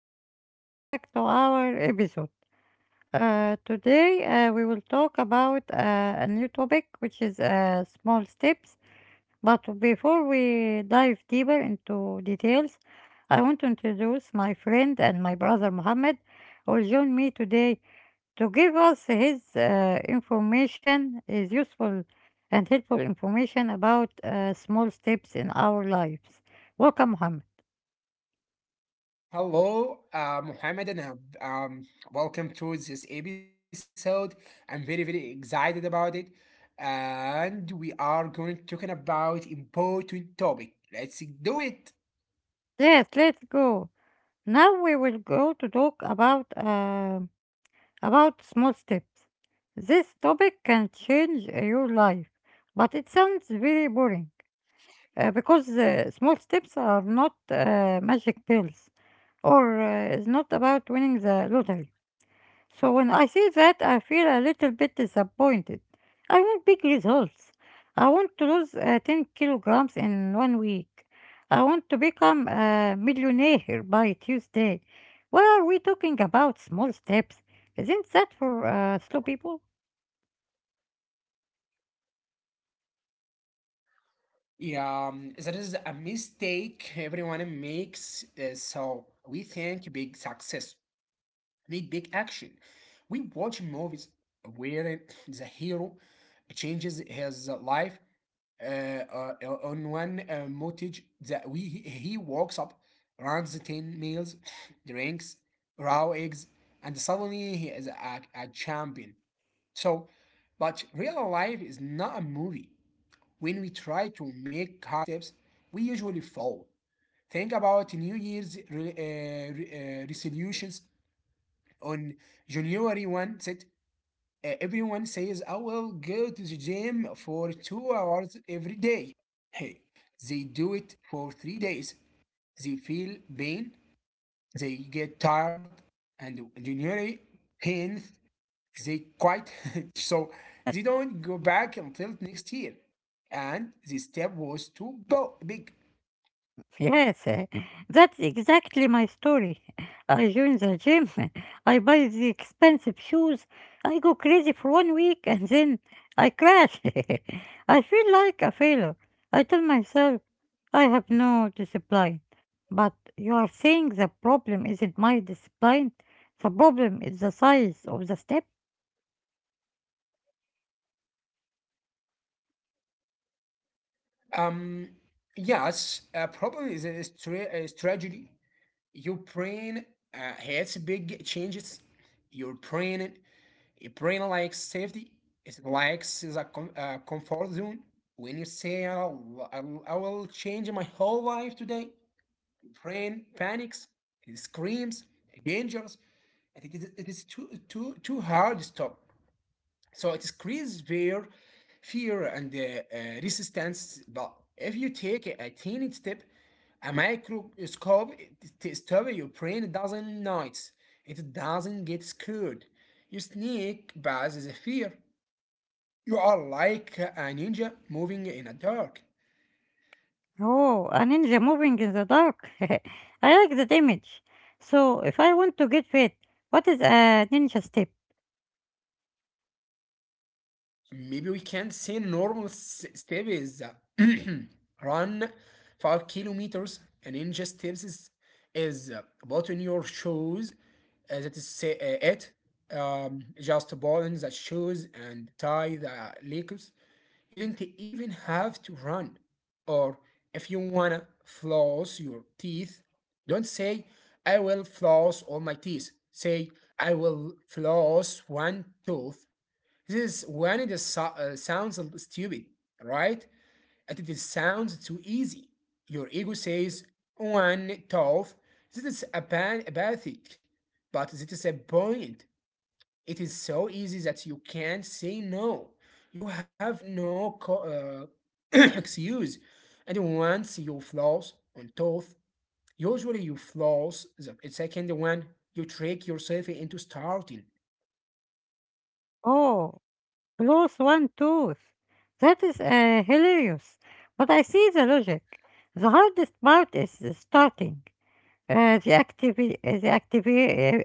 and welcome back to our episode. Today, we will talk about a new topic, which is small steps. But before we dive deeper into details, I want to introduce my friend and my brother Mohammed, who will join me today to give us his information, his useful and helpful information about small steps in our lives. Welcome, Mohammed. Hello, Mohammed, and welcome to this episode. I'm very, very excited about it, and we are going to talking about important topic. Let's do it. Yes, let's go. Now we will go to talk about about small steps. This topic can change your life, but it sounds very boring because small steps are not magic pills, or it's not about winning the lottery. So when I see that, I feel a little bit disappointed. I want big results. I want to lose 10 kilograms in one week. I want to become a millionaire by Tuesday. Why are we talking about small steps? Isn't that for slow people? Yeah, that is a mistake everyone makes. So we think big success need big action. We watch movies where the hero changes his life uh, uh, on one montage that he walks up, runs ten meals, drinks raw eggs, and suddenly he is a champion. So, but real life is not a movie. When we try to make hard steps, we usually fall. Think about New Year's resolutions on January 1st set everyone says I will go to the gym for 2 hours every day. Hey, they do it for 3 days. They feel pain, they get tired, and generally pain, they quit. So they don't go back until next year. And the step was too big. Yes, that's exactly my story. I join the gym, I buy the expensive shoes, I go crazy for one week and then I crash. I feel like a failure. I tell myself I have no discipline. But you are saying the problem isn't my discipline, the problem is the size of the step. Um, yes, a problem is a strategy your brain has big changes. Your brain, your brain likes safety. It likes the comfort zone. When you say I will change my whole life today, brain panics. It screams, dangers. And it is too, too, too hard to stop. So it creates fear, and resistance. But if you take a tiny step, a microscope to stop it, your brain doesn't notice. It doesn't get scared. You sneak past the fear. You are like a ninja moving in a dark. Oh, a ninja moving in the dark. I like that image. So, if I want to get fit, what is a ninja step? Maybe we can say normal step is run 5 kilometers, and in just steps is, button your shoes. That is say, it just button the shoes and tie the legs. You didn't even have to run, or if you wanna floss your teeth, don't say I will floss all my teeth. Say I will floss one tooth. This is when it sounds stupid, right? And it is sounds too easy. Your ego says, one tough, this is apathic. But this is a point. It is so easy that you can't say no. You have no excuse. And once you floss on tough, usually you floss the second one, you trick yourself into starting. Oh, plus one tooth. That is hilarious. But I see the logic. The hardest part is the starting. Uh, the activi- uh, the activi-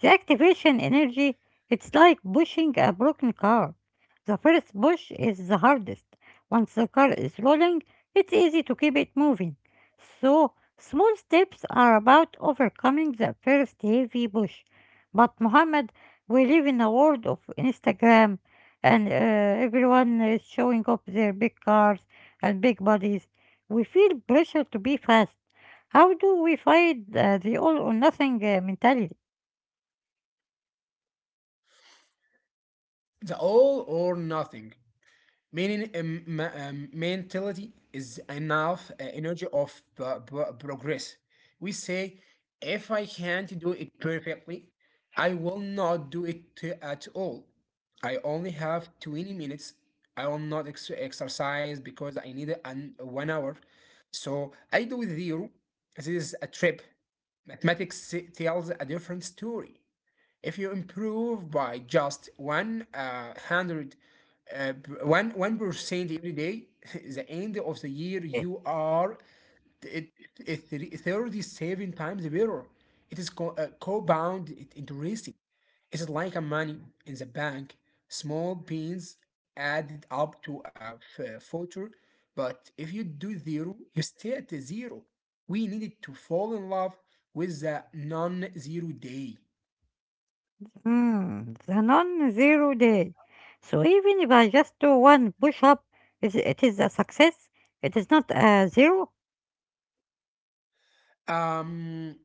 the activation energy, it's like pushing a broken car. The first push is the hardest. Once the car is rolling, it's easy to keep it moving. So, small steps are about overcoming the first heavy push. But, Muhammad, we live in a world of Instagram and everyone is showing off their big cars and big bodies. We feel pressure to be fast. How do we fight the all or nothing mentality? The all or nothing meaning, mentality is enough energy of progress. We say, if I can't do it perfectly, I will not do it at all. I only have 20 minutes. I will not exercise because I need 1 hour. So I do zero. This is a trip. Mathematics tells a different story. If you improve by just uh, one one percent every day, the end of the year you are it, it, it 37 times better. It is compound interest. It is like a money in the bank. Small pins added up to a future, but if you do zero, you stay at the zero. We needed to fall in love with the non-zero day. The non-zero day. So even if I just do one push-up, is it is a success. It is not a zero. Um,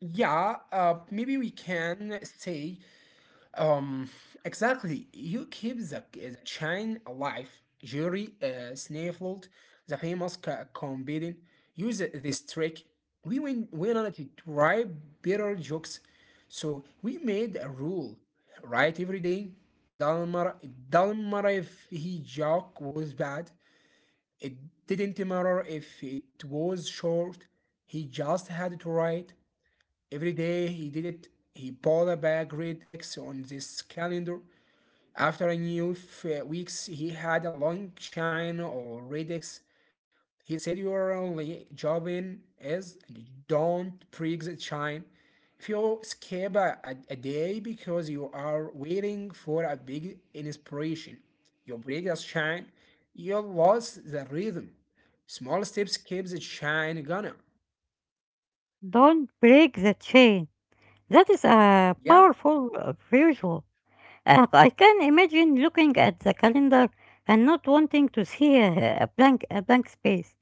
yeah, maybe we can say, um, exactly, you keep the chain alive. Jerry Snaffled, the famous comedian, used this trick. We went on to try better jokes, so we made a rule, right? Every day, it doesn't matter if he joke was bad, it didn't matter if it was short, he just had to write. Every day he did it. He pulled a great X on this calendar. After a knew weeks, he had a long shine or red X. He said your only job in is don't break the shine. If you skip a day because you are waiting for a big inspiration, you break the shine, you lost the rhythm. Small steps keep the shine gonna. Don't break the chain. That is a Yeah, powerful visual. I can imagine looking at the calendar and not wanting to see a blank space.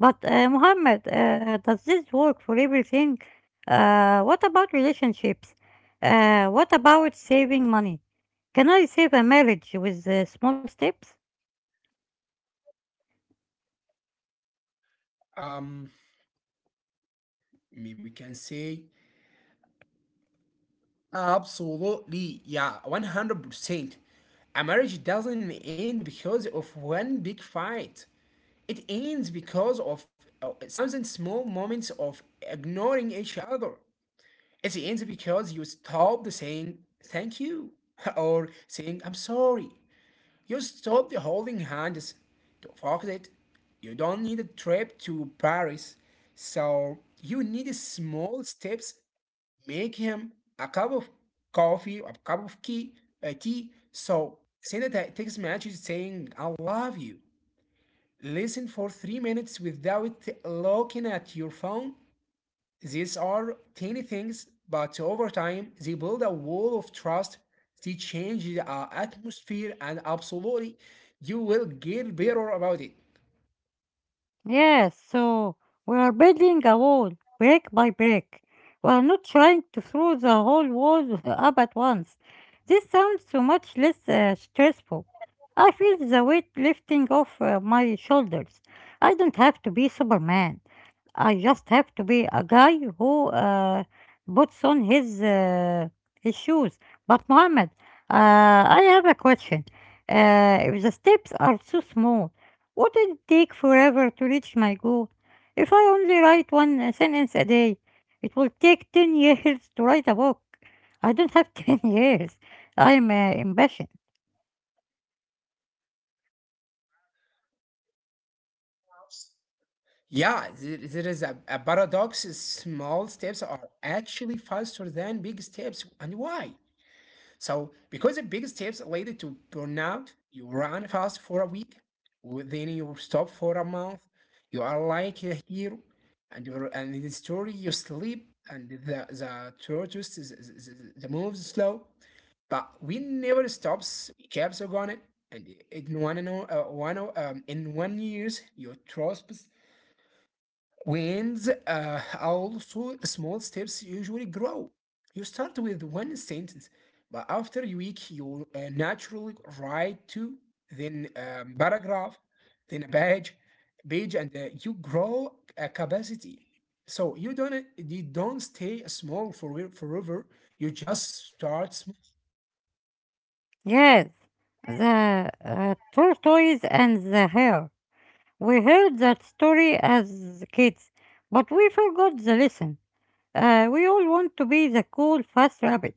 But Mohammed, does this work for everything? What about relationships? What about saving money? Can I save a marriage with small steps? um, maybe we can say absolutely, yeah, 100%. A marriage doesn't end because of one big fight. It ends because of thousand small moments of ignoring each other. It ends because you stopped saying thank you or saying I'm sorry. You stopped holding hands. Don't forget it. You don't need a trip to Paris. So you need small steps make him a cup of coffee, a cup of tea, a tea. So send a text message saying, I love you. Listen for 3 minutes without looking at your phone. These are tiny things, but over time, they build a wall of trust. They change the atmosphere, and absolutely, you will get better about it. Yes, so we are building a wall brick by brick. We are not trying to throw the whole wall up at once. This sounds so much less stressful. I feel the weight lifting off my shoulders. I don't have to be Superman. I just have to be a guy who puts on his his shoes. But Mohammed, I have a question. If the steps are too small, wouldn't it take forever to reach my goal? If I only write one sentence a day, it will take 10 years to write a book. I don't have 10 years. I'm impatient. Yeah, there is a paradox. Small steps are actually faster than big steps. And why? So, because the biggest tips related to burnout, you run fast for a week, then you stop for a month. You are like a hero, and you and in the story you sleep, and the tortoise is the moves slow, but we never stops. We keeps on going, and in one and o- one o- in 1 years your trust winds. Also small steps usually grow. You start with one sentence, but after a week, you naturally write two, then paragraph, then a page, and you grow a capacity. So you don't stay small for forever. You just start small. Yes, the tortoise and the hare. We heard that story as kids, but we forgot the lesson. We all want to be the cool, fast rabbit,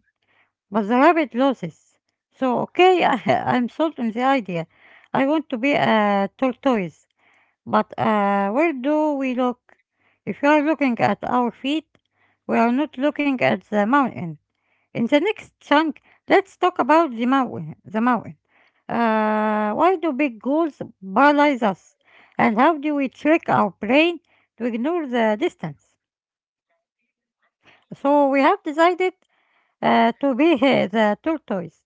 but the rabbit loses. So, okay, I'm sold on the idea. I want to be a tortoise. But where do we look? If you are looking at our feet, we are not looking at the mountain. In the next chunk, let's talk about the mountain. The mountain. Why do big goals paralyze us? And how do we trick our brain to ignore the distance? So we have decided to be the tortoise.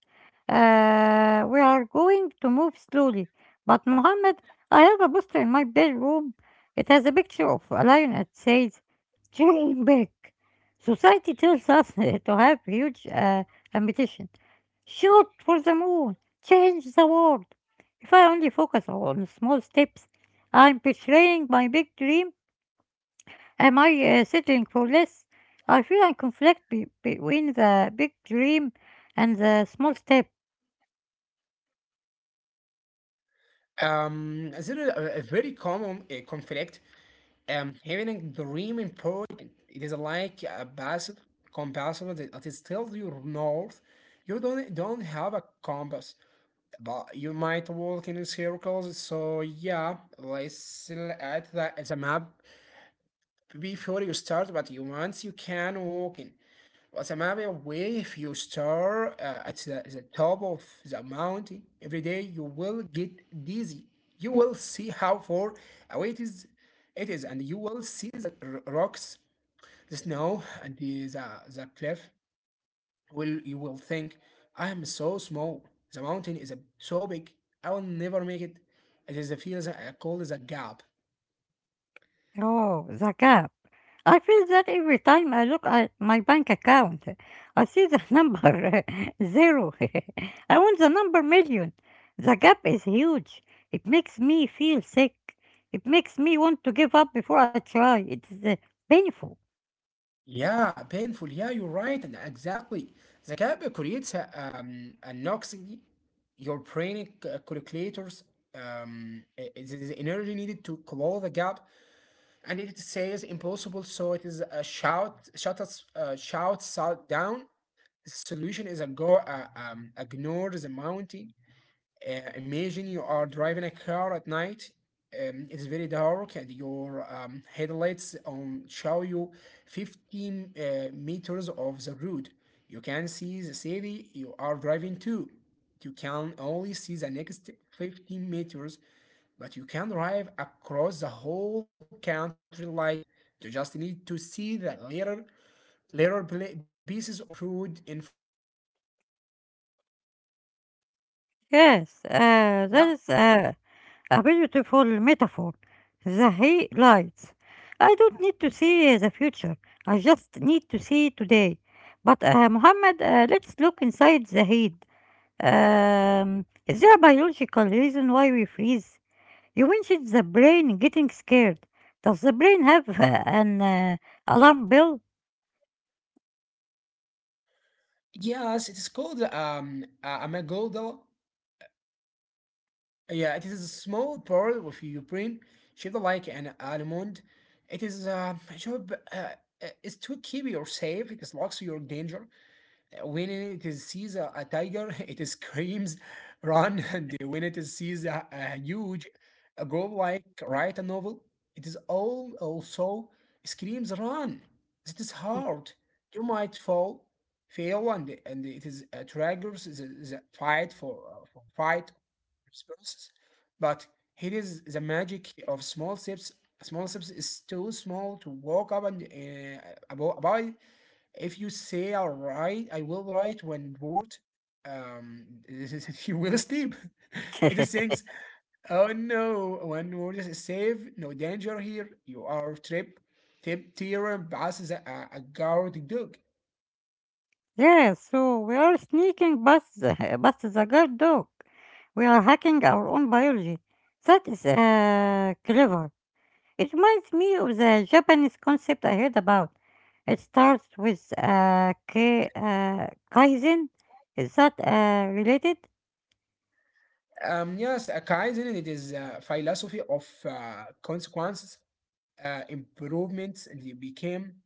We are going to move slowly. But Mohammed, I have a poster in my bedroom. It has a picture of a lion that says, Dream big. Society tells us to have huge ambition. Shoot for the moon. Change the world. If I only focus on small steps, I'm betraying my big dream. Am I settling for less? I feel I conflict between the big dream and the small step. There is a very common conflict having extreme important. It is like a passive compass that it is still your north. You don't have a compass, but you might walk in circles. So yeah, let's look at the map before you start. But you once you can walk in. As a matter of way, if you start at the top of the mountain every day, you will get dizzy. You will see how far away it is, and you will see the rocks, the snow, and the cliff. Will you will think, I am so small. The mountain is so big. I will never make it. It is a feels called as a gap. Oh, the gap. I feel that every time I look at my bank account, I see the number zero. I want the number million. The gap is huge. It makes me feel sick. It makes me want to give up before I try. It's painful. Yeah, painful. Yeah, you're right. and Exactly. The gap creates an oxy. Your brain calculators is the energy needed to close the gap, and it says impossible. So it is a shout, shut us, shout, shout down. The solution is a ignore the mountain. Imagine you are driving a car at night. It's very dark, and your headlights on show you 15 meters of the road. You can see the city you are driving to. You can only see the next 15 meters, but you can drive across the whole country like that. You just need to see the little pieces of road in front of. Yes, that Yeah, is a beautiful metaphor. The hay lights. I don't need to see the future. I just need to see today. But Muhammad, let's look inside the head. Is there a biological reason why we freeze? You mentioned the brain getting scared. Does the brain have an alarm bell? yes, it is called amygdala. Yeah, it is a small part of your brain shaped like an almond. It is job is to keep you safe. It is locks your danger when it is sees a tiger, it screams, run, and when it is sees a huge a goal like write a novel, it is all also screams, run. It is hard. You might fall, fail, and it is triggers the fight for fight responses. But here is the magic of small steps. Small steps is too small to walk up and avoid if you say I will write when bored, um, you will sleep. It is things, oh no, when word is safe, no danger here, you are trip, tip, theorem, passes a guard dog. Yeah, so we are sneaking past the guard dog. We are hacking our own biology. That is clever. It reminds me of the Japanese concept I heard about. It starts with Kaizen. Is that related? Yes, a Kaizen, it is a philosophy of consequences, improvements, and it became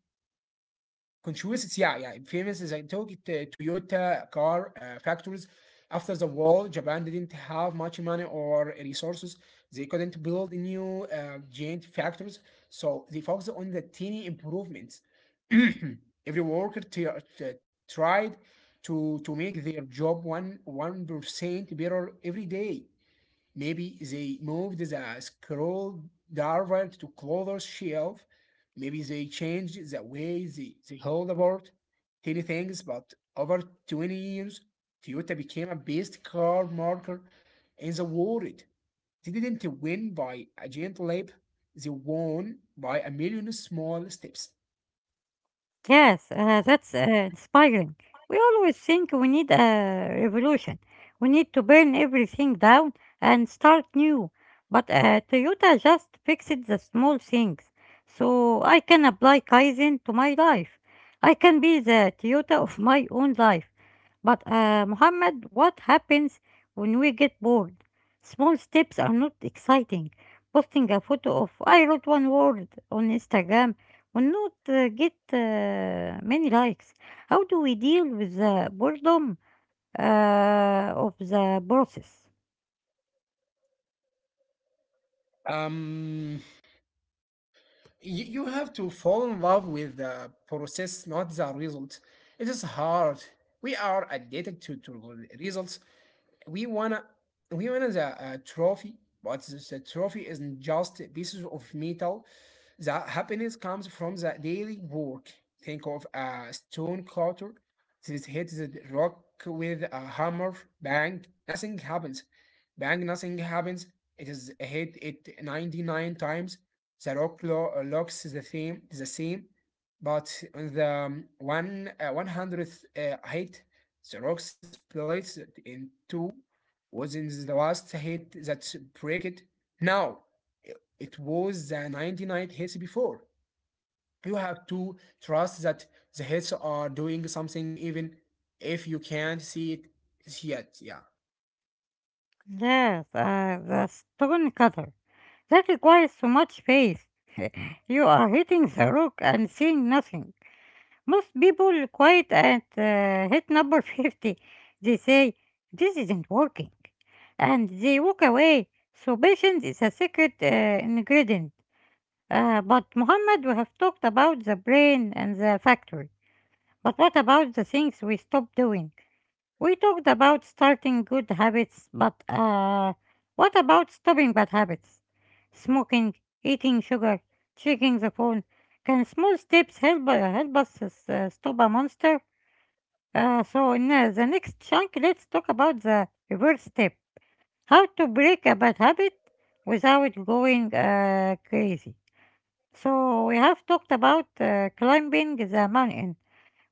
controversy, yeah, yeah. Famous is I took it Toyota car factories after the war. Japan didn't have much money or resources. They couldn't build new giant factories, so they focused on the tiny improvements. Every worker t- tried to make their job one one percent better every day. Maybe they moved the scroll diver to closer shelf. Maybe they changed the way they hold about tiny things, but over 20 years, Toyota became a best car marker in the world. They didn't win by a giant leap, they won by a million small steps. Yes, that's inspiring. We always think we need a revolution. We need to burn everything down and start new. But Toyota just fixed the small things. So I can apply Kaizen to my life. I can be the Toyota of my own life. But Muhammad, what happens when we get bored? Small steps are not exciting. Posting a photo of I wrote one word on Instagram will not get many likes. How do we deal with the boredom of the process? Um, you have to fall in love with the process, not the result. It is hard. We are addicted to results. We wanna we wanna the trophy, but the trophy isn't just pieces of metal. The happiness comes from the daily work. Think of a stone cutter that hits the rock with a hammer. Bang, nothing happens. Bang, nothing happens. It is hit it 99 times. The rock looks the same, but on the one 100th hit, the rock splits in two. Wasn't the last hit that break it? No, it was the 99 hits before. You have to trust that the hits are doing something even if you can't see it yet. Yeah. Yes, the stone cutter. That requires so much faith. You are hitting the rock and seeing nothing. Most people quit at hit number 50. They say, "This isn't working." And they walk away. So, patience is a secret ingredient. But Mohammed, we have talked about the brain and the factory. But what about the things we stop doing? We talked about starting good habits, but what about stopping bad habits? Smoking, eating sugar, checking the phone. Can small steps help help us stop a monster? So in the next chunk, let's talk about the reverse step: how to break a bad habit without going crazy. So we have talked about climbing the mountain.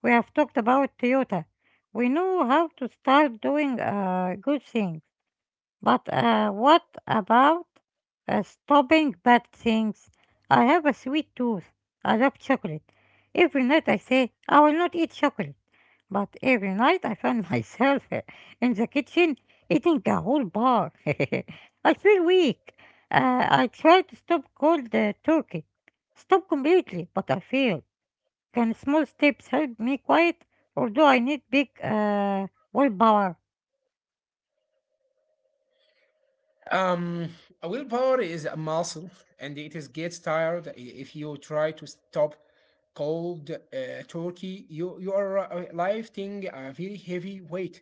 We have talked about Toyota. We know how to start doing a good thing. But what about stopping bad things? I have a sweet tooth. I love chocolate. Every night I say, I will not eat chocolate. But every night I find myself in the kitchen eating a whole bar. I feel weak. I try to stop cold turkey. Stop completely, but I fail. Can small steps help me quiet, or do I need big willpower? Um, Willpower is a muscle, and it is gets tired if you try to stop cold turkey. You are lifting a very heavy weight.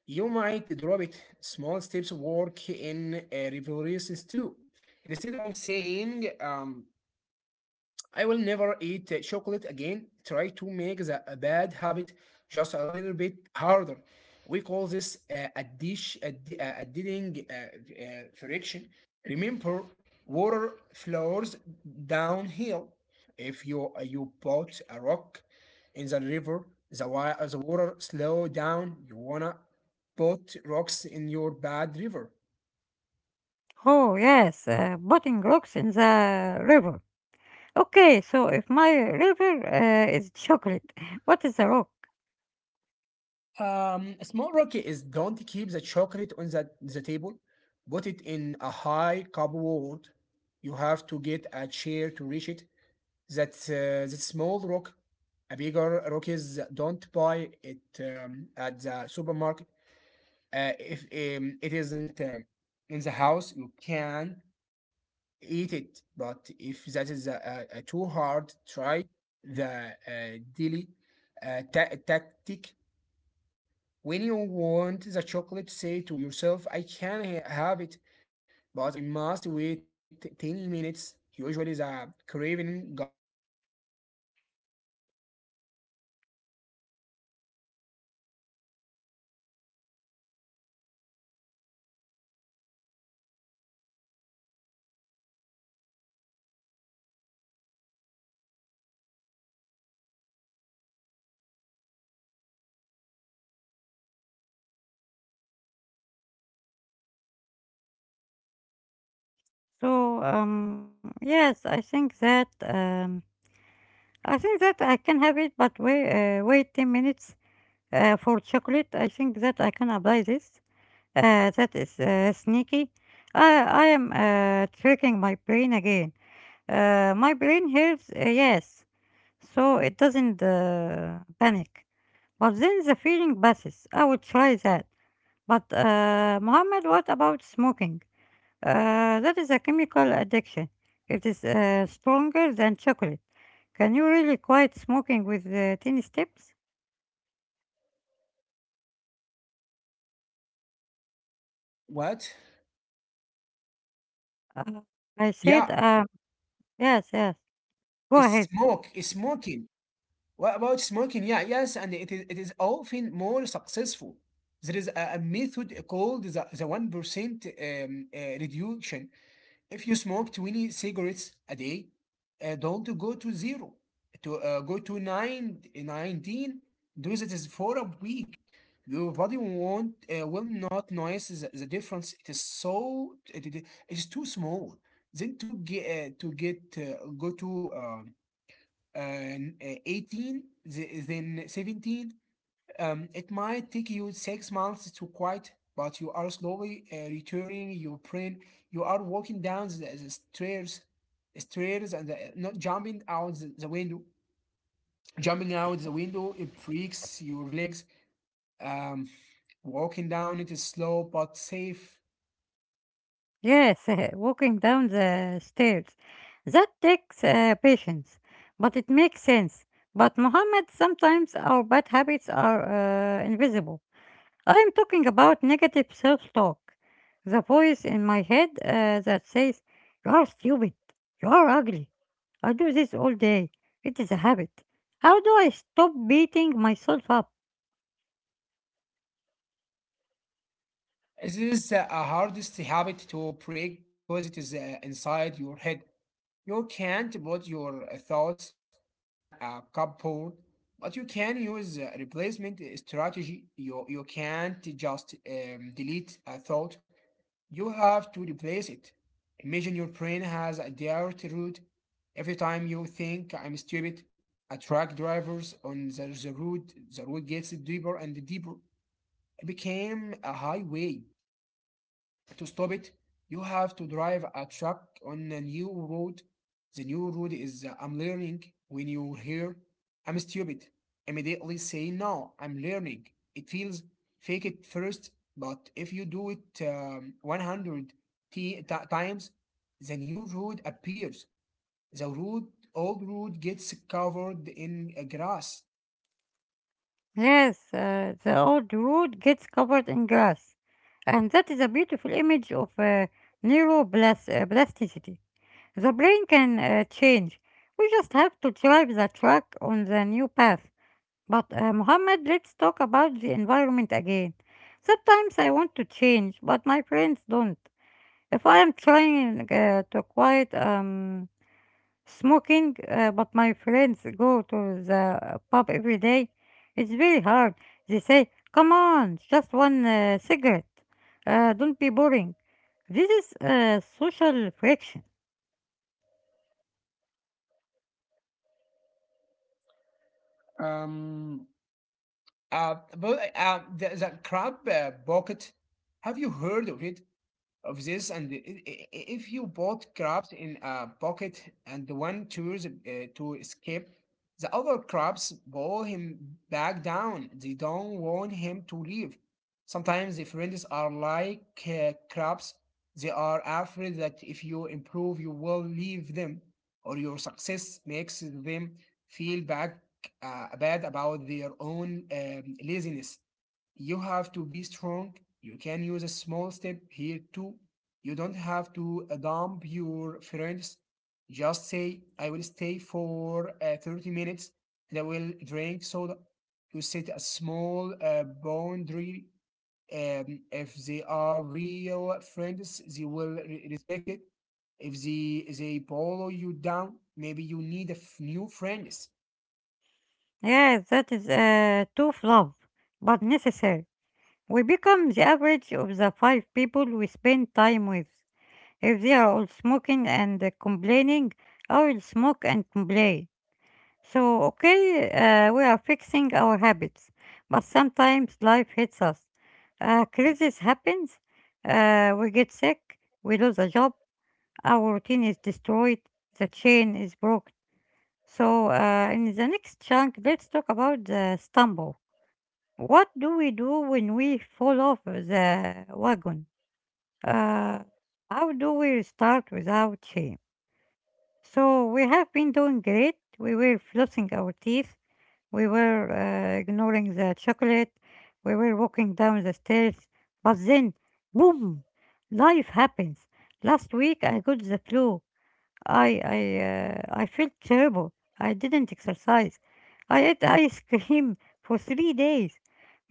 You might drop it. Small steps work in reverses too. Instead of saying I will never eat chocolate again. Try to make the a bad habit just a little bit harder. We call this a dish, a, di- a didding friction. Remember, water flows downhill. If you put a rock in the river, the water slow down. You wanna put rocks in your bad river. Oh, yes, putting rocks in the river. Okay, so if my river is chocolate, what is a rock? A small rookie is don't keep the chocolate on the table. Put it in a high cupboard. You have to get a chair to reach it. That's the small rock. A bigger rookies don't buy it at the supermarket. If it isn't in the house, you can eat it. But if that is too hard, try the daily tactic when you want the chocolate, say to yourself, I can have it, but I must wait 10 minutes. Usually the craving goes away after 5 minutes. You solve the wave of the craving. You didn't say no. No, you said later, switch is easier. Yeah. So, yes, I think that I can have it, but wait 10 minutes for chocolate. I think that I can apply this. That is sneaky. I am tricking my brain again. My brain hears yes. So it doesn't panic. But then the feeling passes. I would try that. But Mohammed, what about smoking? That is a chemical addiction. It is stronger than chocolate. Can you really quit smoking with tiny steps? What? Uh, I Yeah, said, yes, yes. Go it's ahead. smoke. It's smoking. What about smoking? Yeah, yes, and it is often more successful. There is a method called the 1% reduction. If you smoke 20 cigarettes a day, don't go to zero. To go to nine nineteen. Do it is for a week. Your body won't, will not notice the difference. It is so, it is too small. Then go to and 18, then 17. It might take you 6 months to quit, but you are slowly returning your brain. You are walking down the stairs, and not jumping out the window. Jumping out the window, it breaks your legs. um, Walking down, it is slow but safe. Yes, walking down the stairs. That takes patience, but it makes sense. But Mohammed, sometimes our bad habits are invisible. I am talking about negative self-talk, the voice in my head that says, "You are stupid. You are ugly. I do this all day. It is a habit." How do I stop beating myself up? This is the hardest habit to break because it is inside your head. You can't put your thoughts in a cupboard, but you can use a replacement strategy. You can't just delete a thought, you have to replace it. Imagine your brain has a dirt route. Every time you think I'm stupid, a truck drivers on the road gets deeper and deeper. It became a highway. To stop it, you have to drive a truck on a new road. The new road is I'm learning. When you hear I'm stupid, immediately say no, I'm learning. It feels fake at first, but if you do it 100 times, the new road appears. The road, old road gets covered in grass. Yes, the old road gets covered in grass. And that is a beautiful image of neuroplasticity. The brain can change. We just have to drive the truck on the new path. But Mohammed, let's talk about the environment again. Sometimes I want to change, but my friends don't. If I am trying to quiet smoking, but my friends go to the pub every day. It's very hard. They say, come on, just one cigarette. Don't be boring. This is social friction. Um, but the crab bucket, have you heard of it? Of this and I- If you both crabs in a bucket and one chooses to escape, the other crabs pull him back down. They don't want him to leave. Sometimes the friends are like crabs. They are afraid that if you improve you will leave them, or your success makes them feel back bad about their own laziness. You have to be strong. You can use a small step here too. You don't have to dump your friends. Just say, I will stay for 30 minutes and I will drink soda. You set a small boundary. If they are real friends, they will respect it. If they follow you down, maybe you need a new friends. Yes, that is tough love, but necessary. We become the average of the five people we spend time with. If they are all smoking and complaining, I will smoke and complain. So, okay, we are fixing our habits, but sometimes life hits us. Crisis happens, we get sick, we lose a job, our routine is destroyed, the chain is broken. So, in the next chunk, let's talk about the stumble. What do we do when we fall off the wagon? Uh, how do we start without shame? So, we have been doing great. We were flossing our teeth. We were ignoring the chocolate. We were walking down the stairs. But then, boom! Life happens. Last week I got the flu. I I felt terrible. I didn't exercise. I ate ice cream for 3 days.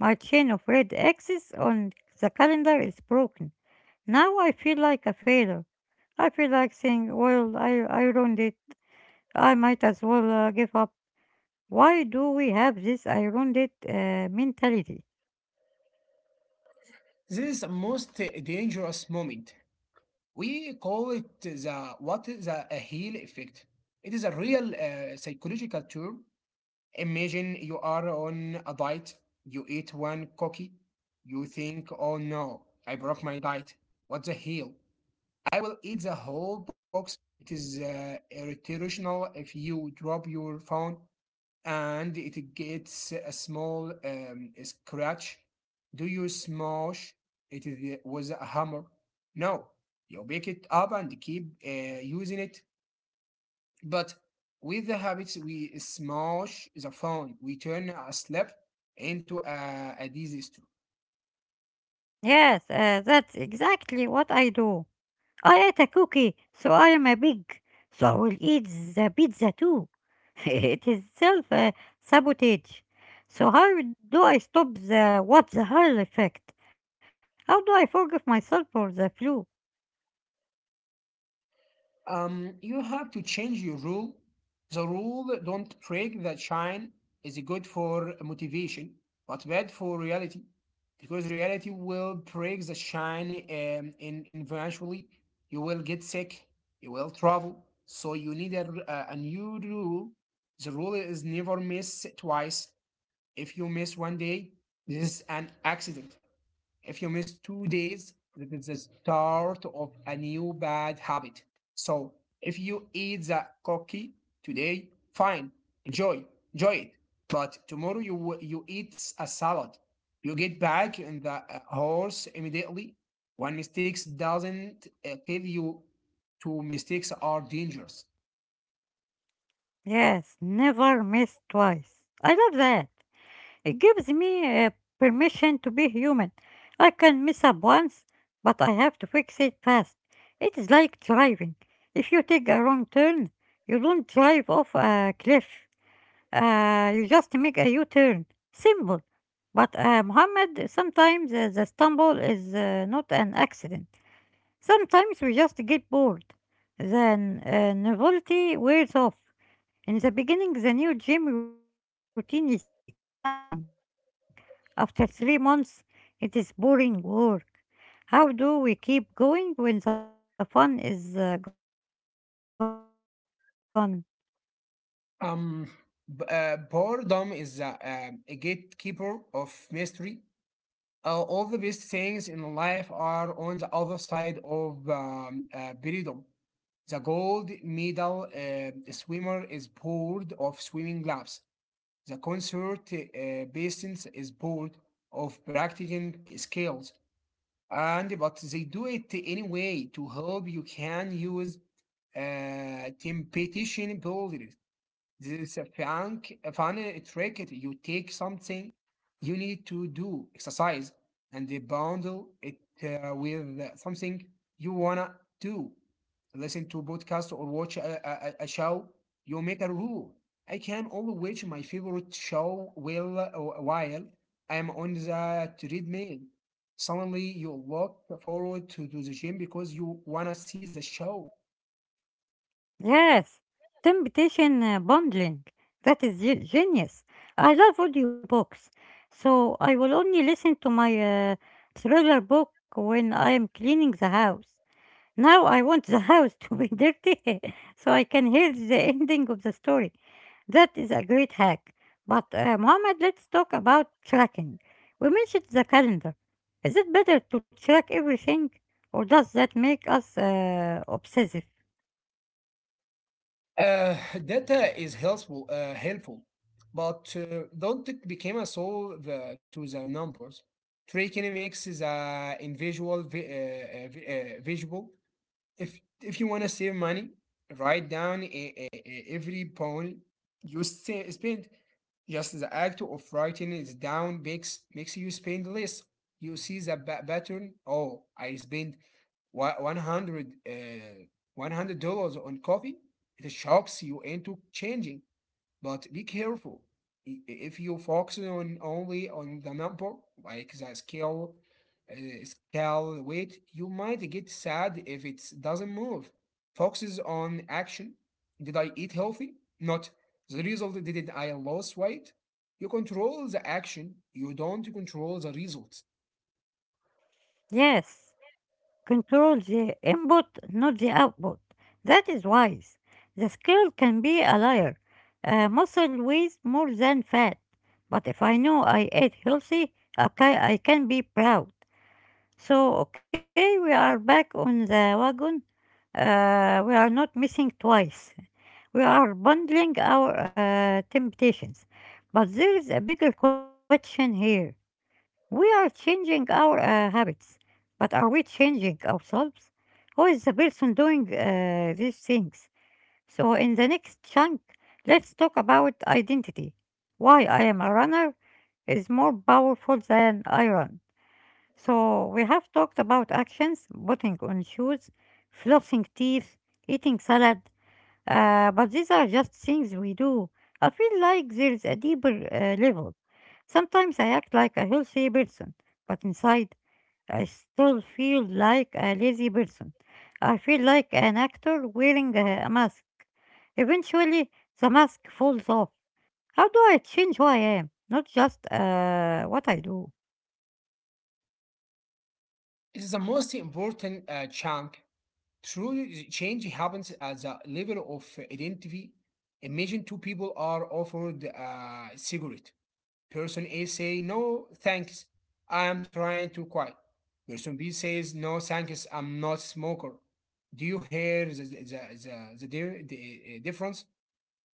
My chain of red X's on the calendar is broken. Now I feel like a failure. I feel like saying, well, I ruined it. I might as well give up. Why do we have this ironic mentality? This is the most dangerous moment. We call it the what the a heel effect. It is a real psychological term. Imagine you are on a diet, you eat one cookie, you think, oh no, I broke my diet. What's a heel? I will eat the whole box. It is irritational. If you drop your phone and it gets a small scratch. Do you smash it with a hammer? No, you pick it up and keep using it. But with the habits, we smash the phone. We turn a slap into a disaster. Yes, that's exactly what I do. I ate a cookie, so I am a pig, so I will eat the pizza too. It is self sabotage. So, how do I stop the what the hell effect? How do I forgive myself for the flu? You have to change your rule. The rule don't break the shine is good for motivation, but bad for reality, because reality will break the shine in eventually. You will get sick. You will travel. So you need a, r- a new rule. The rule is never miss twice. If you miss one day, this is an accident. If you miss 2 days, that is the start of a new bad habit. So if you eat the cookie today, fine, enjoy, enjoy it. But tomorrow you eat a salad. You get back in the horse immediately. One mistake doesn't kill you. Two mistakes are dangerous. Yes, never miss twice. I love that. It gives me permission to be human. I can mess up once, but I have to fix it fast. It is like driving. If you take a wrong turn, you don't drive off a cliff. You just make a U-turn. Simple. But Muhammad, sometimes the stumble is not an accident. Sometimes we just get bored. Then novelty wears off. In the beginning, the new gym routine is exciting. After 3 months, it is boring work. How do we keep going when the fun is gone? Um, Boredom is a gatekeeper of mystery. All the best things in life are on the other side of boredom. The gold medal swimmer is bored of swimming laps. The concert basins is bored of practicing skills. And but they do it anyway. To help you can use competition builders. This is a fun trick. You take something you need to do, exercise, and they bundle it with something you wanna do. Listen to podcast or watch a show. You make a rule. I can only watch my favorite show while I'm on the treadmill. Suddenly, you look forward to the gym because you wanna see the show. Yes, temptation bundling. That is genius. I love audiobooks, so I will only listen to my thriller book when I am cleaning the house. Now I want the house to be dirty so I can hear the ending of the story. That is a great hack. But Mohammed, let's talk about tracking. We mentioned the calendar. Is it better to track everything, or does that make us obsessive? Uh, Data is helpful, but don't it become a solve to the numbers. Tracking makes the individual visible. If you want to save money, write down every pound you spend. Just the act of writing it down makes you spend less. You see the pattern. Oh, I spent one hundred uh, $100 on coffee. It shocks you into changing. But be careful. If you focus on only on the number, like the scale, scale weight, you might get sad if it doesn't move. Focuses on action. Did I eat healthy? Not the result. Did I lose weight? You control the action. You don't control the results. Yes. Control the input, not the output. That is wise. The scale can be a liar. Muscle weighs more than fat. But if I know I ate healthy, I can be proud. So, okay, we are back on the wagon. We are not missing twice. We are bundling our temptations. But there is a bigger question here. We are changing our habits, but are we changing ourselves? Who is the person doing these things? So, in the next chunk, let's talk about identity. Why I am a runner is more powerful than I run. So, we have talked about actions, putting on shoes, flossing teeth, eating salad, but these are just things we do. I feel like there's a deeper level. Sometimes I act like a healthy person, but inside I still feel like a lazy person. I feel like an actor wearing a mask. Eventually, the mask falls off. How do I change who I am, not just what I do? It's the most important chunk. True change happens at the level of identity. Imagine two people are offered a cigarette. Person A say no thanks. I am trying to quit. Person B says no thanks. I'm not a smoker. Do you hear the difference?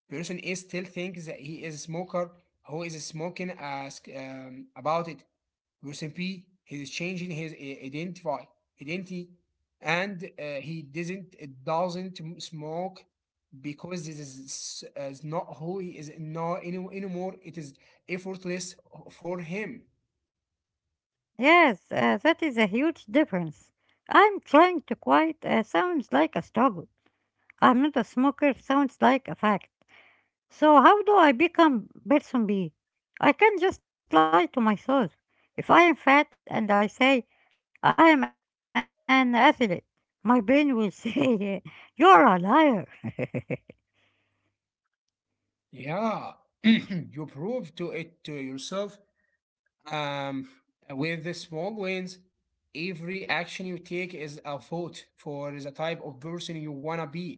Person is still thinks that he is a smoker who is smoking ask about it. Person B, he is changing his identify identity, and he doesn't smoke because is not who he is not anymore. It is effortless for him. Yes, that is a huge difference. I'm trying to quiet sounds like a struggle. I'm not a smoker sounds like a fact. So how do I become person B? I can't just lie to myself. If I am fat and I say I am an athlete, my brain will say you're a liar. Yeah, you prove to it to yourself um, with the small wins. Every action you take is a vote for the type of person you wanna be.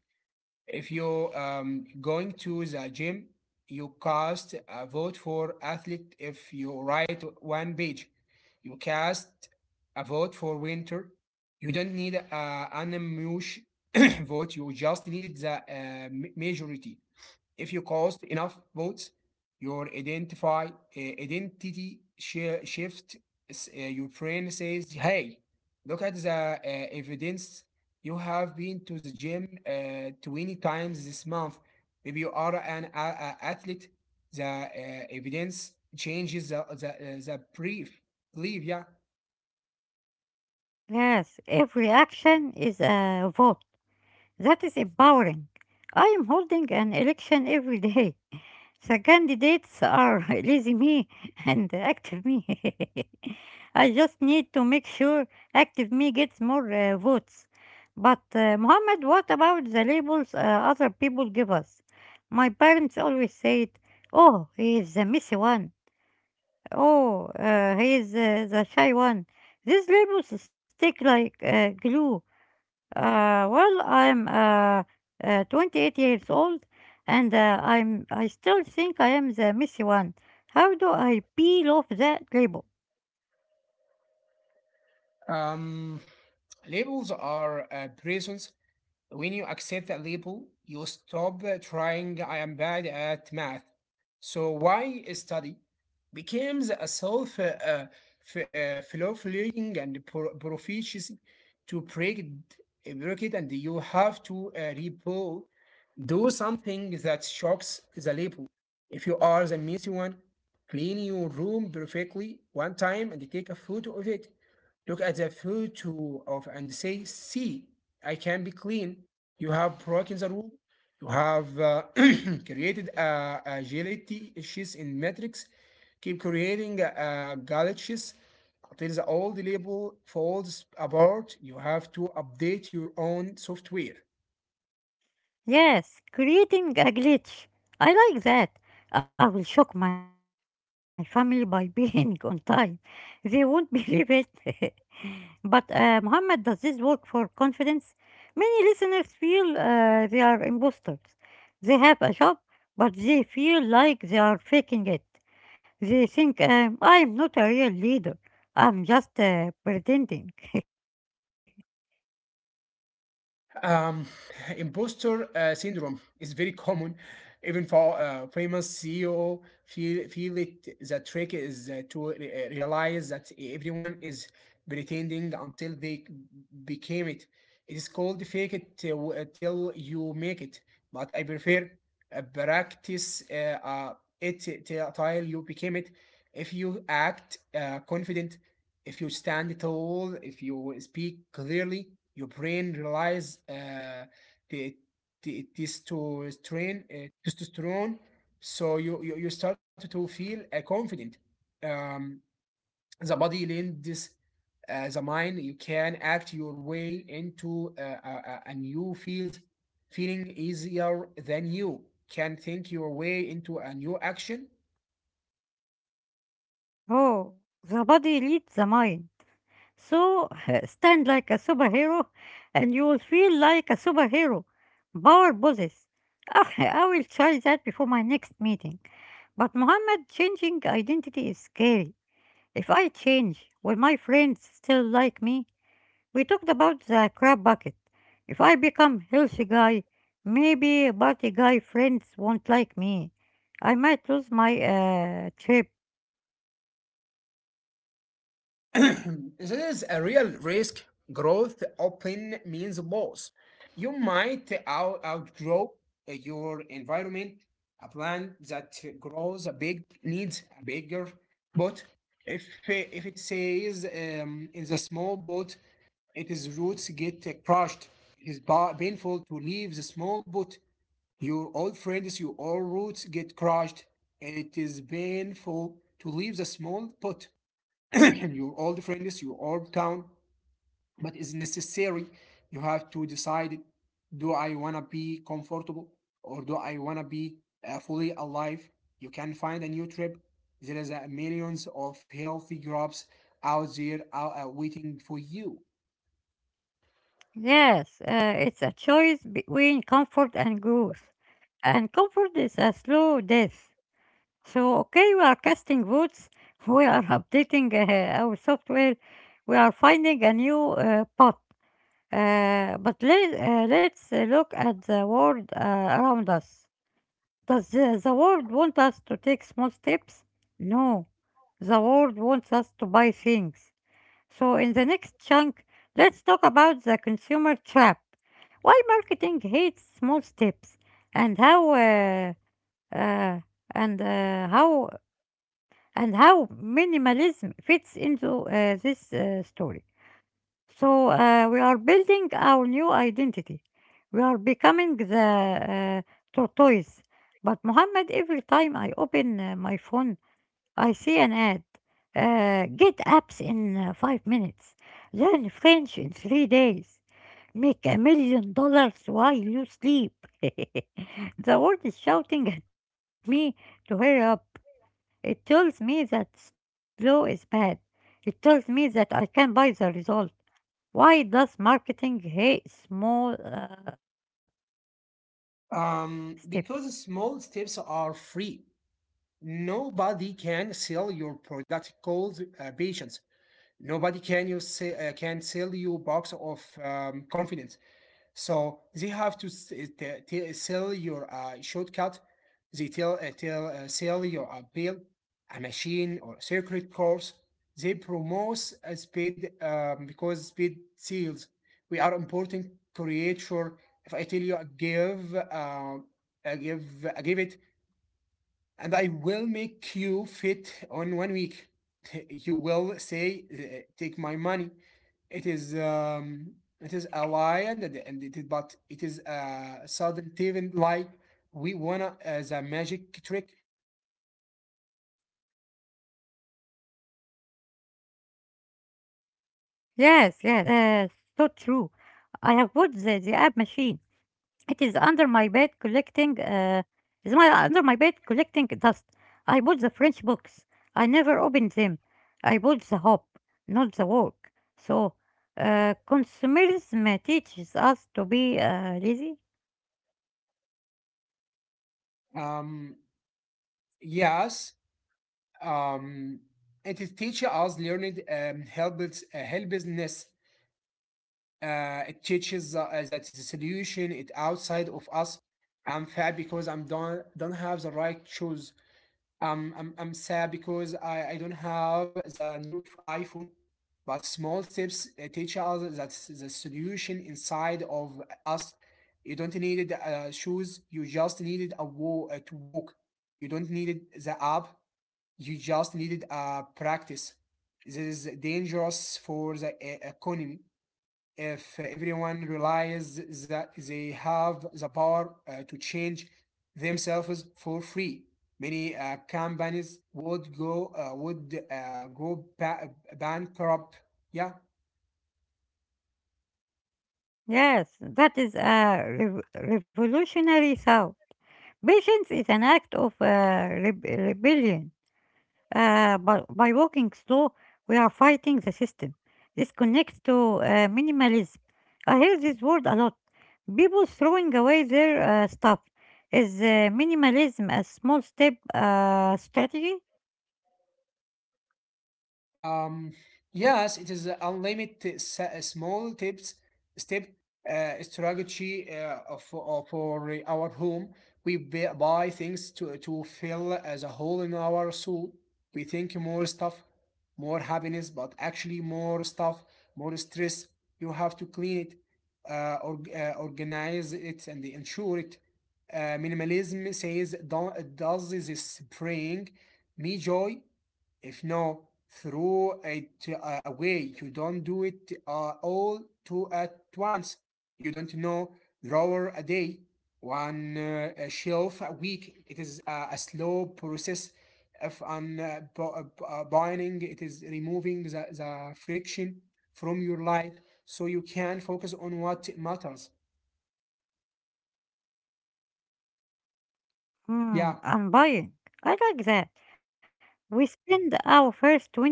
If you're going to the gym, you cast a vote for athlete. If you write one page, you cast a vote for winter. You don't need an emotion vote. You just needed the majority. If you cast enough votes, your identify identity shift. Your brain says, "Hey, look at the evidence. You have been to the gym 20 times this month. Maybe you are an athlete. The evidence changes the brief. Believe. Yeah. Yes, every action is a vote. That is empowering. I am holding an election every day. The candidates are lazy me and active me. I just need to make sure active me gets more votes. But Mohammed, what about the labels other people give us? My parents always said, "Oh, he is the messy one. Oh, he is the shy one." These labels stick like glue. Well, I'm 28 years old, and I still think I am the messy one. How do I peel off that label? Um, Labels are prisons. When you accept that label, you stop trying. I am bad at math. So why study becomes a self fulfilling and proficiency. To break it, and you have to repo do something that shocks the label. If you are the messy one, clean your room perfectly one time and take a photo of it. Look at the photo of and say, see, I can be clean. You have broken the rule. You have created a agility issues in metrics. Keep creating glitches until the old label falls apart. You have to update your own software. Yes, creating a glitch. I like that. I will shock my family by being on time. They won't believe it. But Muhammad, does this work for confidence? Many listeners feel they are imposters. They have a job, but they feel like they are faking it. They think I'm not a real leader. I'm just pretending. Um, Imposter syndrome is very common. Even for famous CEO, feel it. The trick is to realize that everyone is pretending until they became it. It is called fake it till, till you make it. But I prefer practice it till you became it. If you act confident, if you stand tall, if you speak clearly, your brain relies the, the testosterone, testosterone, so you start to feel confident. Um, the body lends the mind. You can act your way into new field, feeling easier than you can think your way into a new action. Oh, the body leads the mind. So stand like a superhero and you will feel like a superhero. Power poses. Ah, I will try that before my next meeting. But Muhammad, changing identity is scary. If I change, will my friends still like me? We talked about the crab bucket. If I become healthy guy, maybe party guy friends won't like me. I might lose my trip. This is a real risk. Growth often means loss. You might outgrow your environment. A plant that grows big needs a bigger pot. If it says in the small pot, its roots get crushed. It is painful to leave the small pot. Your old friends, your old roots get crushed. It is painful to leave the small pot and your old friends, your old town, but it's necessary. You have to decide, do I want to be comfortable, or do I want to be fully alive? You can find a new trip. There is millions of healthy groups out there waiting for you. Yes, it's a choice between comfort and growth. And comfort is a slow death. So, okay, we are casting votes, we are updating our software, we are finding a new path. But let's look at the world around us. Does the world want us to take small steps? No. The world wants us to buy things. So, in the next chunk, let's talk about the consumer trap. Why marketing hates small steps, and how uh, and how and how minimalism fits into this story. So we are building our new identity. We are becoming the tortoise. But Muhammad, every time I open my phone, I see an ad. Get apps in 5 minutes. Learn French in 3 days. Make $1 million while you sleep. The world is shouting at me to hurry up. It tells me that slow is bad. It tells me that I can buy the result. Why does marketing hate small steps? Because small steps are free. Nobody can sell your product called patience. Nobody can you say, can sell you box of confidence. So they have to sell your shortcut. They tell, tell sell your appeal, a machine or a secret course. They promote speed because speed seals. We are important creature. If I tell you I give it and I will make you fit on 1 week. You will say, "Take my money." It is um, it is a lie, and but it is a sudden even lie. We wanna as a magic trick. Yes, yes, that's so true. I have bought the app machine. It is under my bed collecting. Is my under my bed collecting dust. I bought the French books. I never opened them. I bought the hope, not the work. So, consumerism teaches us to be lazy. Um, yes, um, it is teach us learning helplessness. It teaches that the solution it outside of us. I'm fat because I'm don't have the right shoes. I'm sad because I don't have the new iPhone, but small steps teach us that the solution inside of us. You don't need shoes, you just needed a wall to walk. You don't needed the app, you just needed practice. This is dangerous for the economy. If everyone realizes that they have the power to change themselves for free, many companies would go bankrupt. Yeah. Yes, that is a revolutionary thought. Patience is an act of rebellion. By walking slow, we are fighting the system. This connects to minimalism. I hear this word a lot. People throwing away their stuff. Is minimalism a small step strategy? Um, yes, it is unlimited s- small tips step strategy for our home. We buy things to fill as a hole in our soul. We think more stuff, more happiness, but actually more stuff, more stress. You have to clean it, organize it, and ensure it. Minimalism says, "Do- "does this bring me joy? If no, throw it away." You don't do it all to at once. You don't know, drawer a day, one a shelf a week. It is a slow process of unbinding. It is removing the friction from your life so you can focus on what matters. Hmm, I'm Yeah. buying. I like that. We spend our first 20 years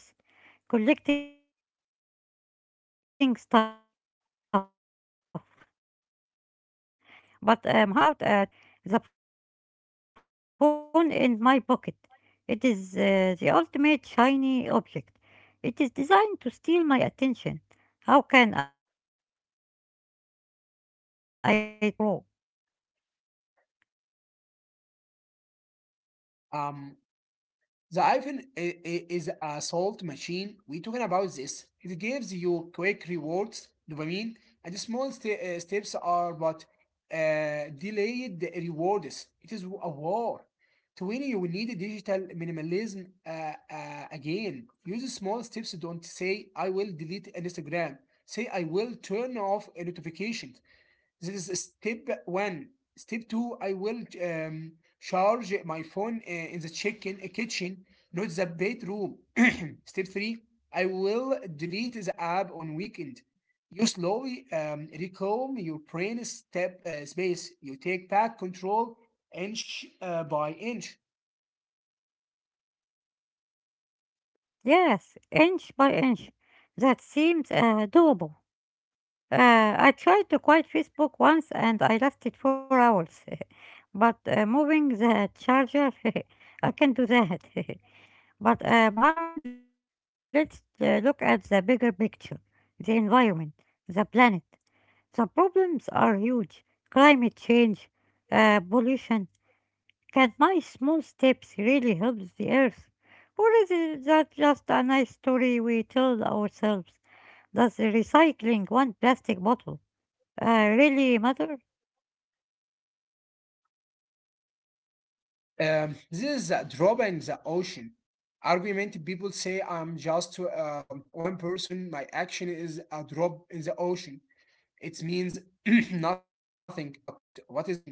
collecting stuff and the next 40 years trying to get rid of it. But Muhammad, what about technology? The phone in my pocket. It is the ultimate shiny object. It is designed to steal my attention. How can I take small steps when I am addicted to the scroll? Um, the iPhone is a salt machine. We're talking about this. It gives you quick rewards, dopamine, and steps are but delayed rewards. It is a war. To win, you will need digital minimalism again. Use small steps. Don't say, I will delete Instagram. Say, I will turn off notifications. This is step one. Step two, I will charge my phone in the chicken kitchen, not the bedroom. Step three, I will delete the app on weekend. You slowly reclaim your brain step space. You take back control inch by inch. Yes, inch by inch. That seems doable. I tried to quiet Facebook once and I lasted 4 hours. But moving the charger, I can do that. But Mohammed, let's look at the bigger picture, the environment, the planet. The problems are huge, climate change, pollution. Can my small steps really help the earth? Or is it that just a nice story we tell ourselves? Does recycling one plastic bottle really matter? This is a drop in the ocean. Argument people say I'm just one person. My action is a drop in the ocean. It means nothing, but what is the ocean?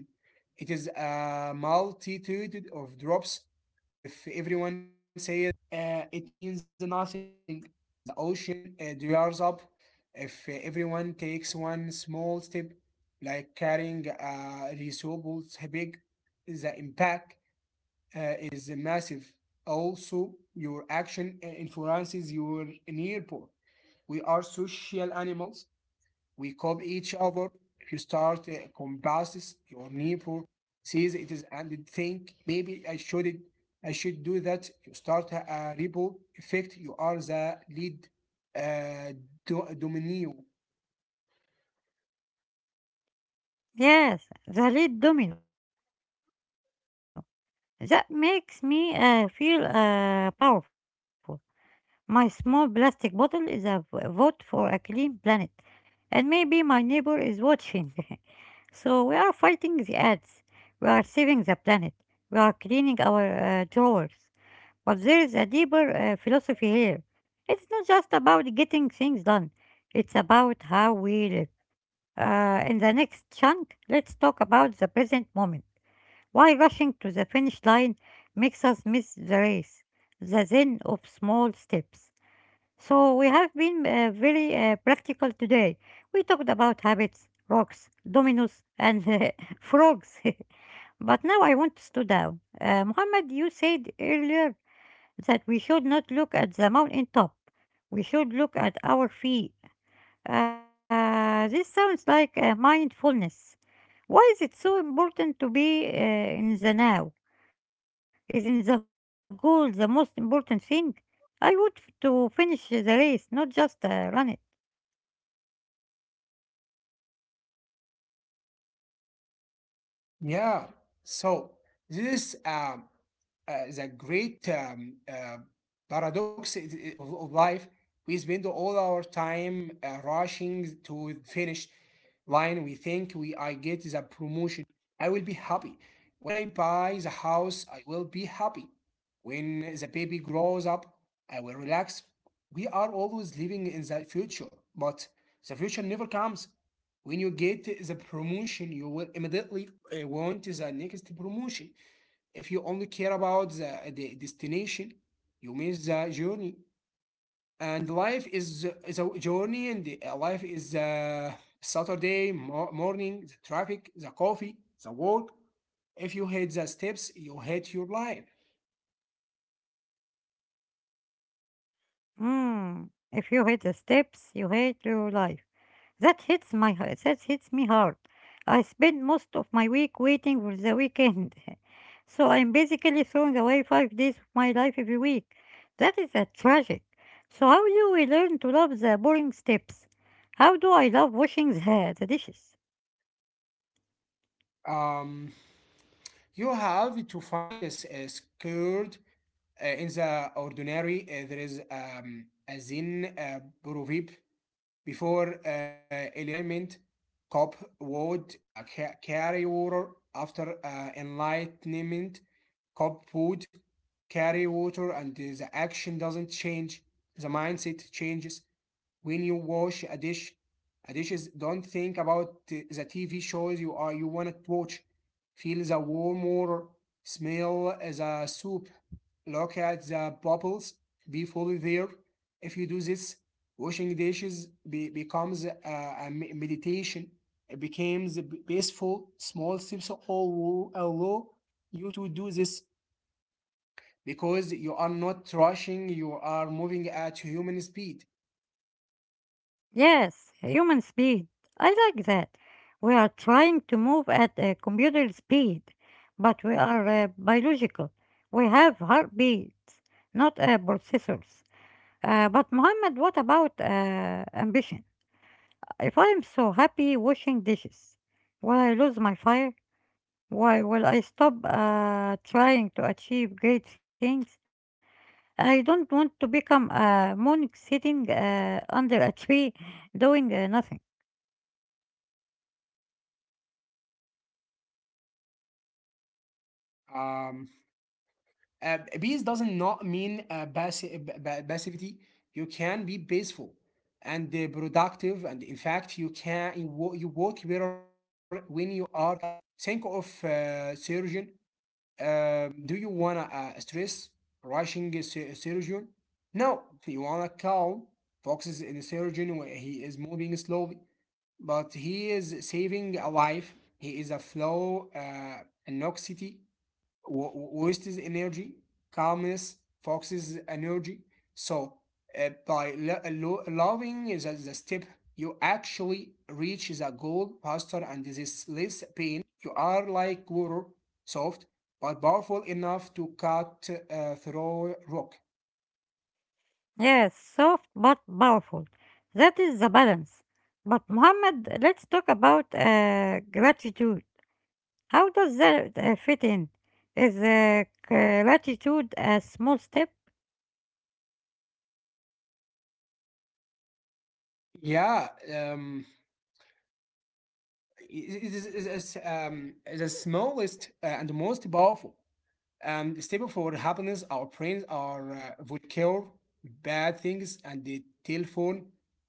It is a multitude of drops. If everyone says it means nothing, the ocean dries up. If everyone takes one small step, like carrying a resource big, the impact is massive. Also, your action influences your neighbor. We are social animals. We copy each other. If you start compasses, your neighbor sees it is and think maybe I should do that. If you start a ripple effect. You are the lead uh, dominee. Yes, the lead domino. That makes me feel powerful. My small plastic bottle is a vote for a clean planet, and maybe my neighbor is watching. So we are fighting the ads. We are saving the planet. We are cleaning our drawers. But there is a deeper philosophy here. It's not just about getting things done. It's about how we live. In the next chunk, let's talk about the present moment. Why rushing to the finish line makes us miss the race, the zen of small steps. So, we have been very practical today. We talked about habits, rocks, dominoes, and frogs. But now I want to slow down. Muhammad, you said earlier that we should not look at the mountain top, we should look at our feet. This sounds like mindfulness. Why is it so important to be in the now? Isn't the goal the most important thing? I want to finish the race, not just run it. Yeah. So this is the great paradox of life. We spend all our time rushing to finish line. We think we I get the promotion, I will be happy. When I buy the house, I will be happy. When the baby grows up, I will relax. We are always living in the future, but the future never comes. When you get the promotion, you will immediately want the next promotion. If you only care about the destination, you miss the journey. And life is a journey, and life is Saturday morning, the traffic, the coffee, the work. If you hate the steps, you hate your life. Hmm. If you hate the steps, you hate your life. That hits my that hits me hard. I spend most of my week waiting for the weekend. So I'm basically throwing away 5 days of my life every week. That is a tragic. So how do we learn to love the boring steps? How do I love washing the dishes? Um, you have to find a scared in the ordinary. There is a Zen proverb: before enlightenment, Cobb would carry water. After enlightenment, Cobb would carry water, and the action doesn't change. The mindset changes. When you wash a dishes, don't think about the tv shows you are you want to watch. Feel the warm water, smell the soup, look at the bubbles, be fully there. If you do this, washing dishes becomes a meditation. It becomes a peaceful small steps all allow you to do this, because you are not rushing, you are moving at human speed. Yes, human speed. I like that. We are trying to move at a computer speed, but we are biological. We have heartbeats, not processors. But Muhammad, what about ambition? If I am so happy washing dishes, will I lose my fire? Why will I stop trying to achieve great things? I don't want to become a monk sitting under a tree doing nothing. um, peace doesn't not mean passivity. You can be peaceful and productive, and in fact, you can you you work better when you are calm. Think of surgeon. Do you wanna stress rushing a surgeon? No, you wanna calm. Foxes in the surgeon where he is moving slowly, but he is saving a life. He is a flow an anxiety w- waste is energy, calmness, focuses energy. So by loving is the step, you actually reach the goal faster and this is less pain. You are like water, soft but powerful enough to cut through rock. Yes, soft but powerful. That is the balance. But Muhammad, let's talk about gratitude. How does that fit in? Is gratitude a small step? Yeah. Um, it it is it's, um, the smallest and most powerful. And stable for happiness, our brains are would cure bad things and they telephone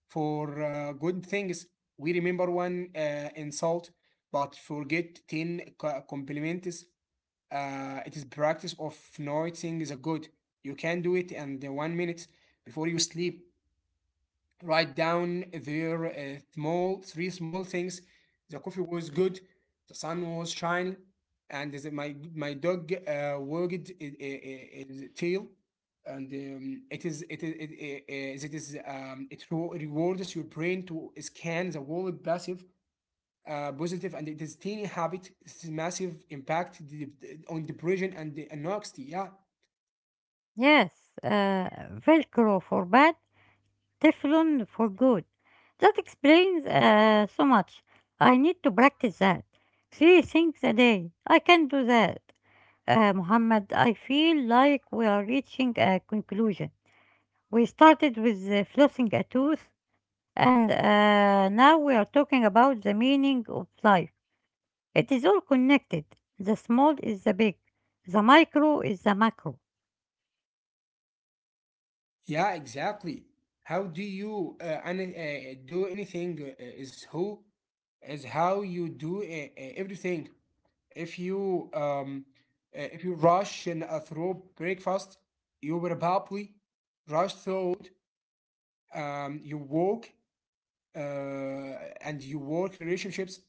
for good things. We remember one insult, but forget ten compliments. It is practice of noticing the good. You can do it in the 1 minute before you sleep, write down their small three small things. The coffee was good, the sun was shining, and the, my dog wagged its tail, and it is it is it, I- it is it rewards your brain to scan the world passive. Positive, and it is tiny habit, it's massive impact on depression and the anxiety. Yeah. Yes, Velcro for bad, Teflon for good. That explains so much. I need to practice that. Three things a day. I can do that. Muhammad, I feel like we are reaching a conclusion. We started with flossing a tooth, and now we are talking about the meaning of life. It is all connected. The small is the big, the micro is the macro. Yeah, exactly. How do you do anything is who is how you do everything. If you um if you rush and through breakfast, you will probably rush through you work and you work relationships.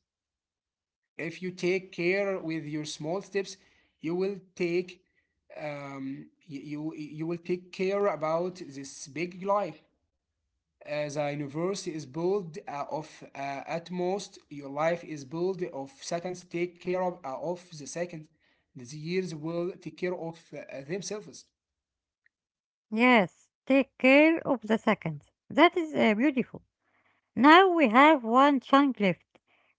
If you take care with your small steps, you will take you will take care about this big life. The universe is built of atmost. Your life is built of seconds. Take care of the seconds. The years will take care of themselves. Yes, take care of the seconds. That is beautiful. Now we have one chunk left.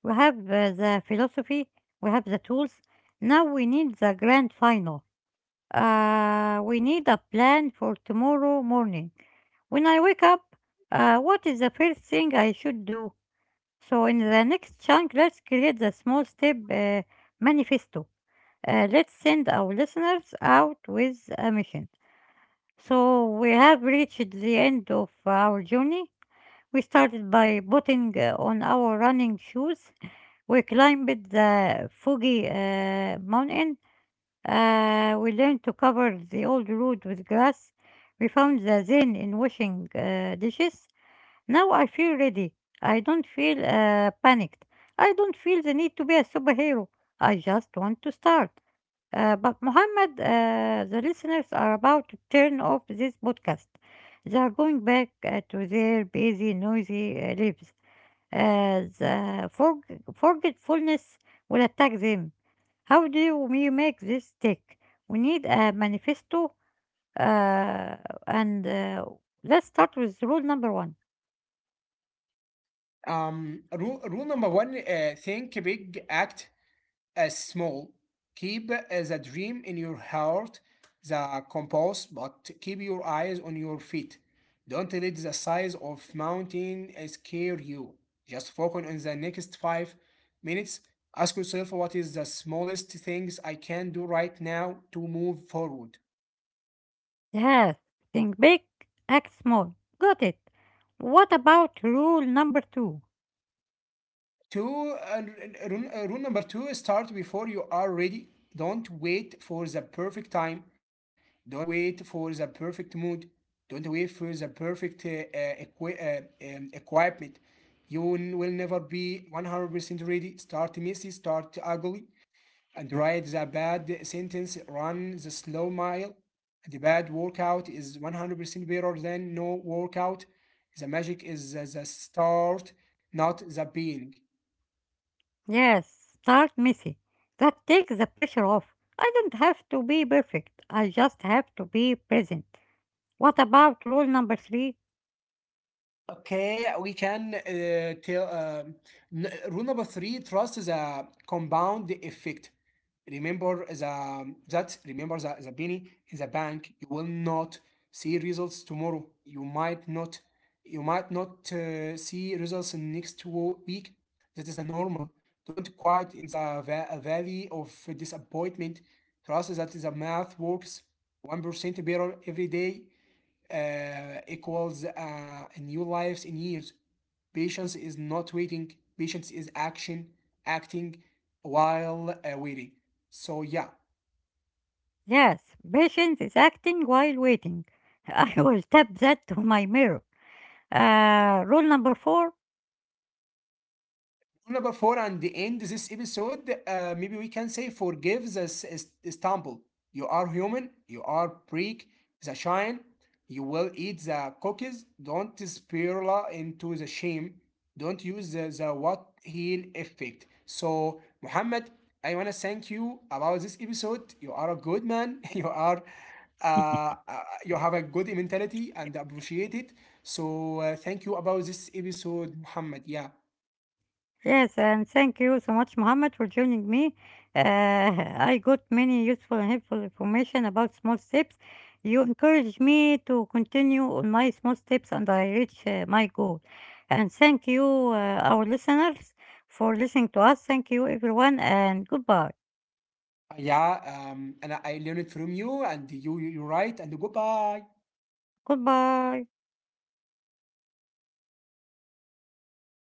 We have the philosophy, we have the tools. Now we need the grand final. We need a plan for tomorrow morning. When I wake up, what is the first thing I should do? So, in the next chunk, let's create the small step manifesto. Let's send our listeners out with a mission. So we have reached the end of our journey. We started by putting on our running shoes. We climbed the foggy mountain. We learned to cover the old road with grass. We found the zen in washing dishes. Now I feel ready. I don't feel panicked. I don't feel the need to be a superhero. I just want to start. But Muhammad, the listeners are about to turn off this podcast. They are going back to their busy, noisy lives. The forgetfulness will attack them. How do we make this stick? We need a manifesto, uh, and let's start with rule number one. Rule number one: think big, act as small. Keep the dream in your heart, the compass, but keep your eyes on your feet. Don't let the size of mountain scare you. Just focus on the next 5 minutes. Ask yourself what is the smallest things I can do right now to move forward. Yes, think big, act small. Got it. What about rule number two? Two, rule number two, start before you are ready. Don't wait for the perfect time. Don't wait for the perfect mood. Don't wait for the perfect uh, equi- uh, equipment. You will never be 100% ready. Start messy, start ugly, and write the bad sentence. Run the slow mile. The bad workout is 100% better than no workout. The magic is the start, not the being. Yes, start messy. That takes the pressure off. I don't have to be perfect. I just have to be present. What about rule number three? Okay, we can tell rule number three: trust is a compound effect. Remember the penny in the bank. You will not see results tomorrow. You might not see results in next week. That is a normal. Don't quiet in the valley of disappointment. Trust that the math works 1% better every day equals new lives in years. Patience is not waiting. Patience is action, acting while waiting. So yeah, Yes, patience is acting while waiting. I will tap that to my mirror. Rule number four. number four and end this episode, maybe we can say, forgive the stumble. You are human, you are prick the shine, you will eat the cookies, don't spiral into the shame, don't use the what heel effect. So Muhammad, I want to thank you about this episode. You are a good man. You are you have a good mentality and appreciate it. So thank you about this episode, Muhammad. Yeah. Yes, and thank you so much, Mohammed, for joining me. I got many useful and helpful information about small steps. You encouraged me to continue on my small steps and I reach my goal. And thank you, our listeners, for listening to us. Thank you, everyone, and goodbye. Yeah, and I learned from you, and you're right, and goodbye. Goodbye.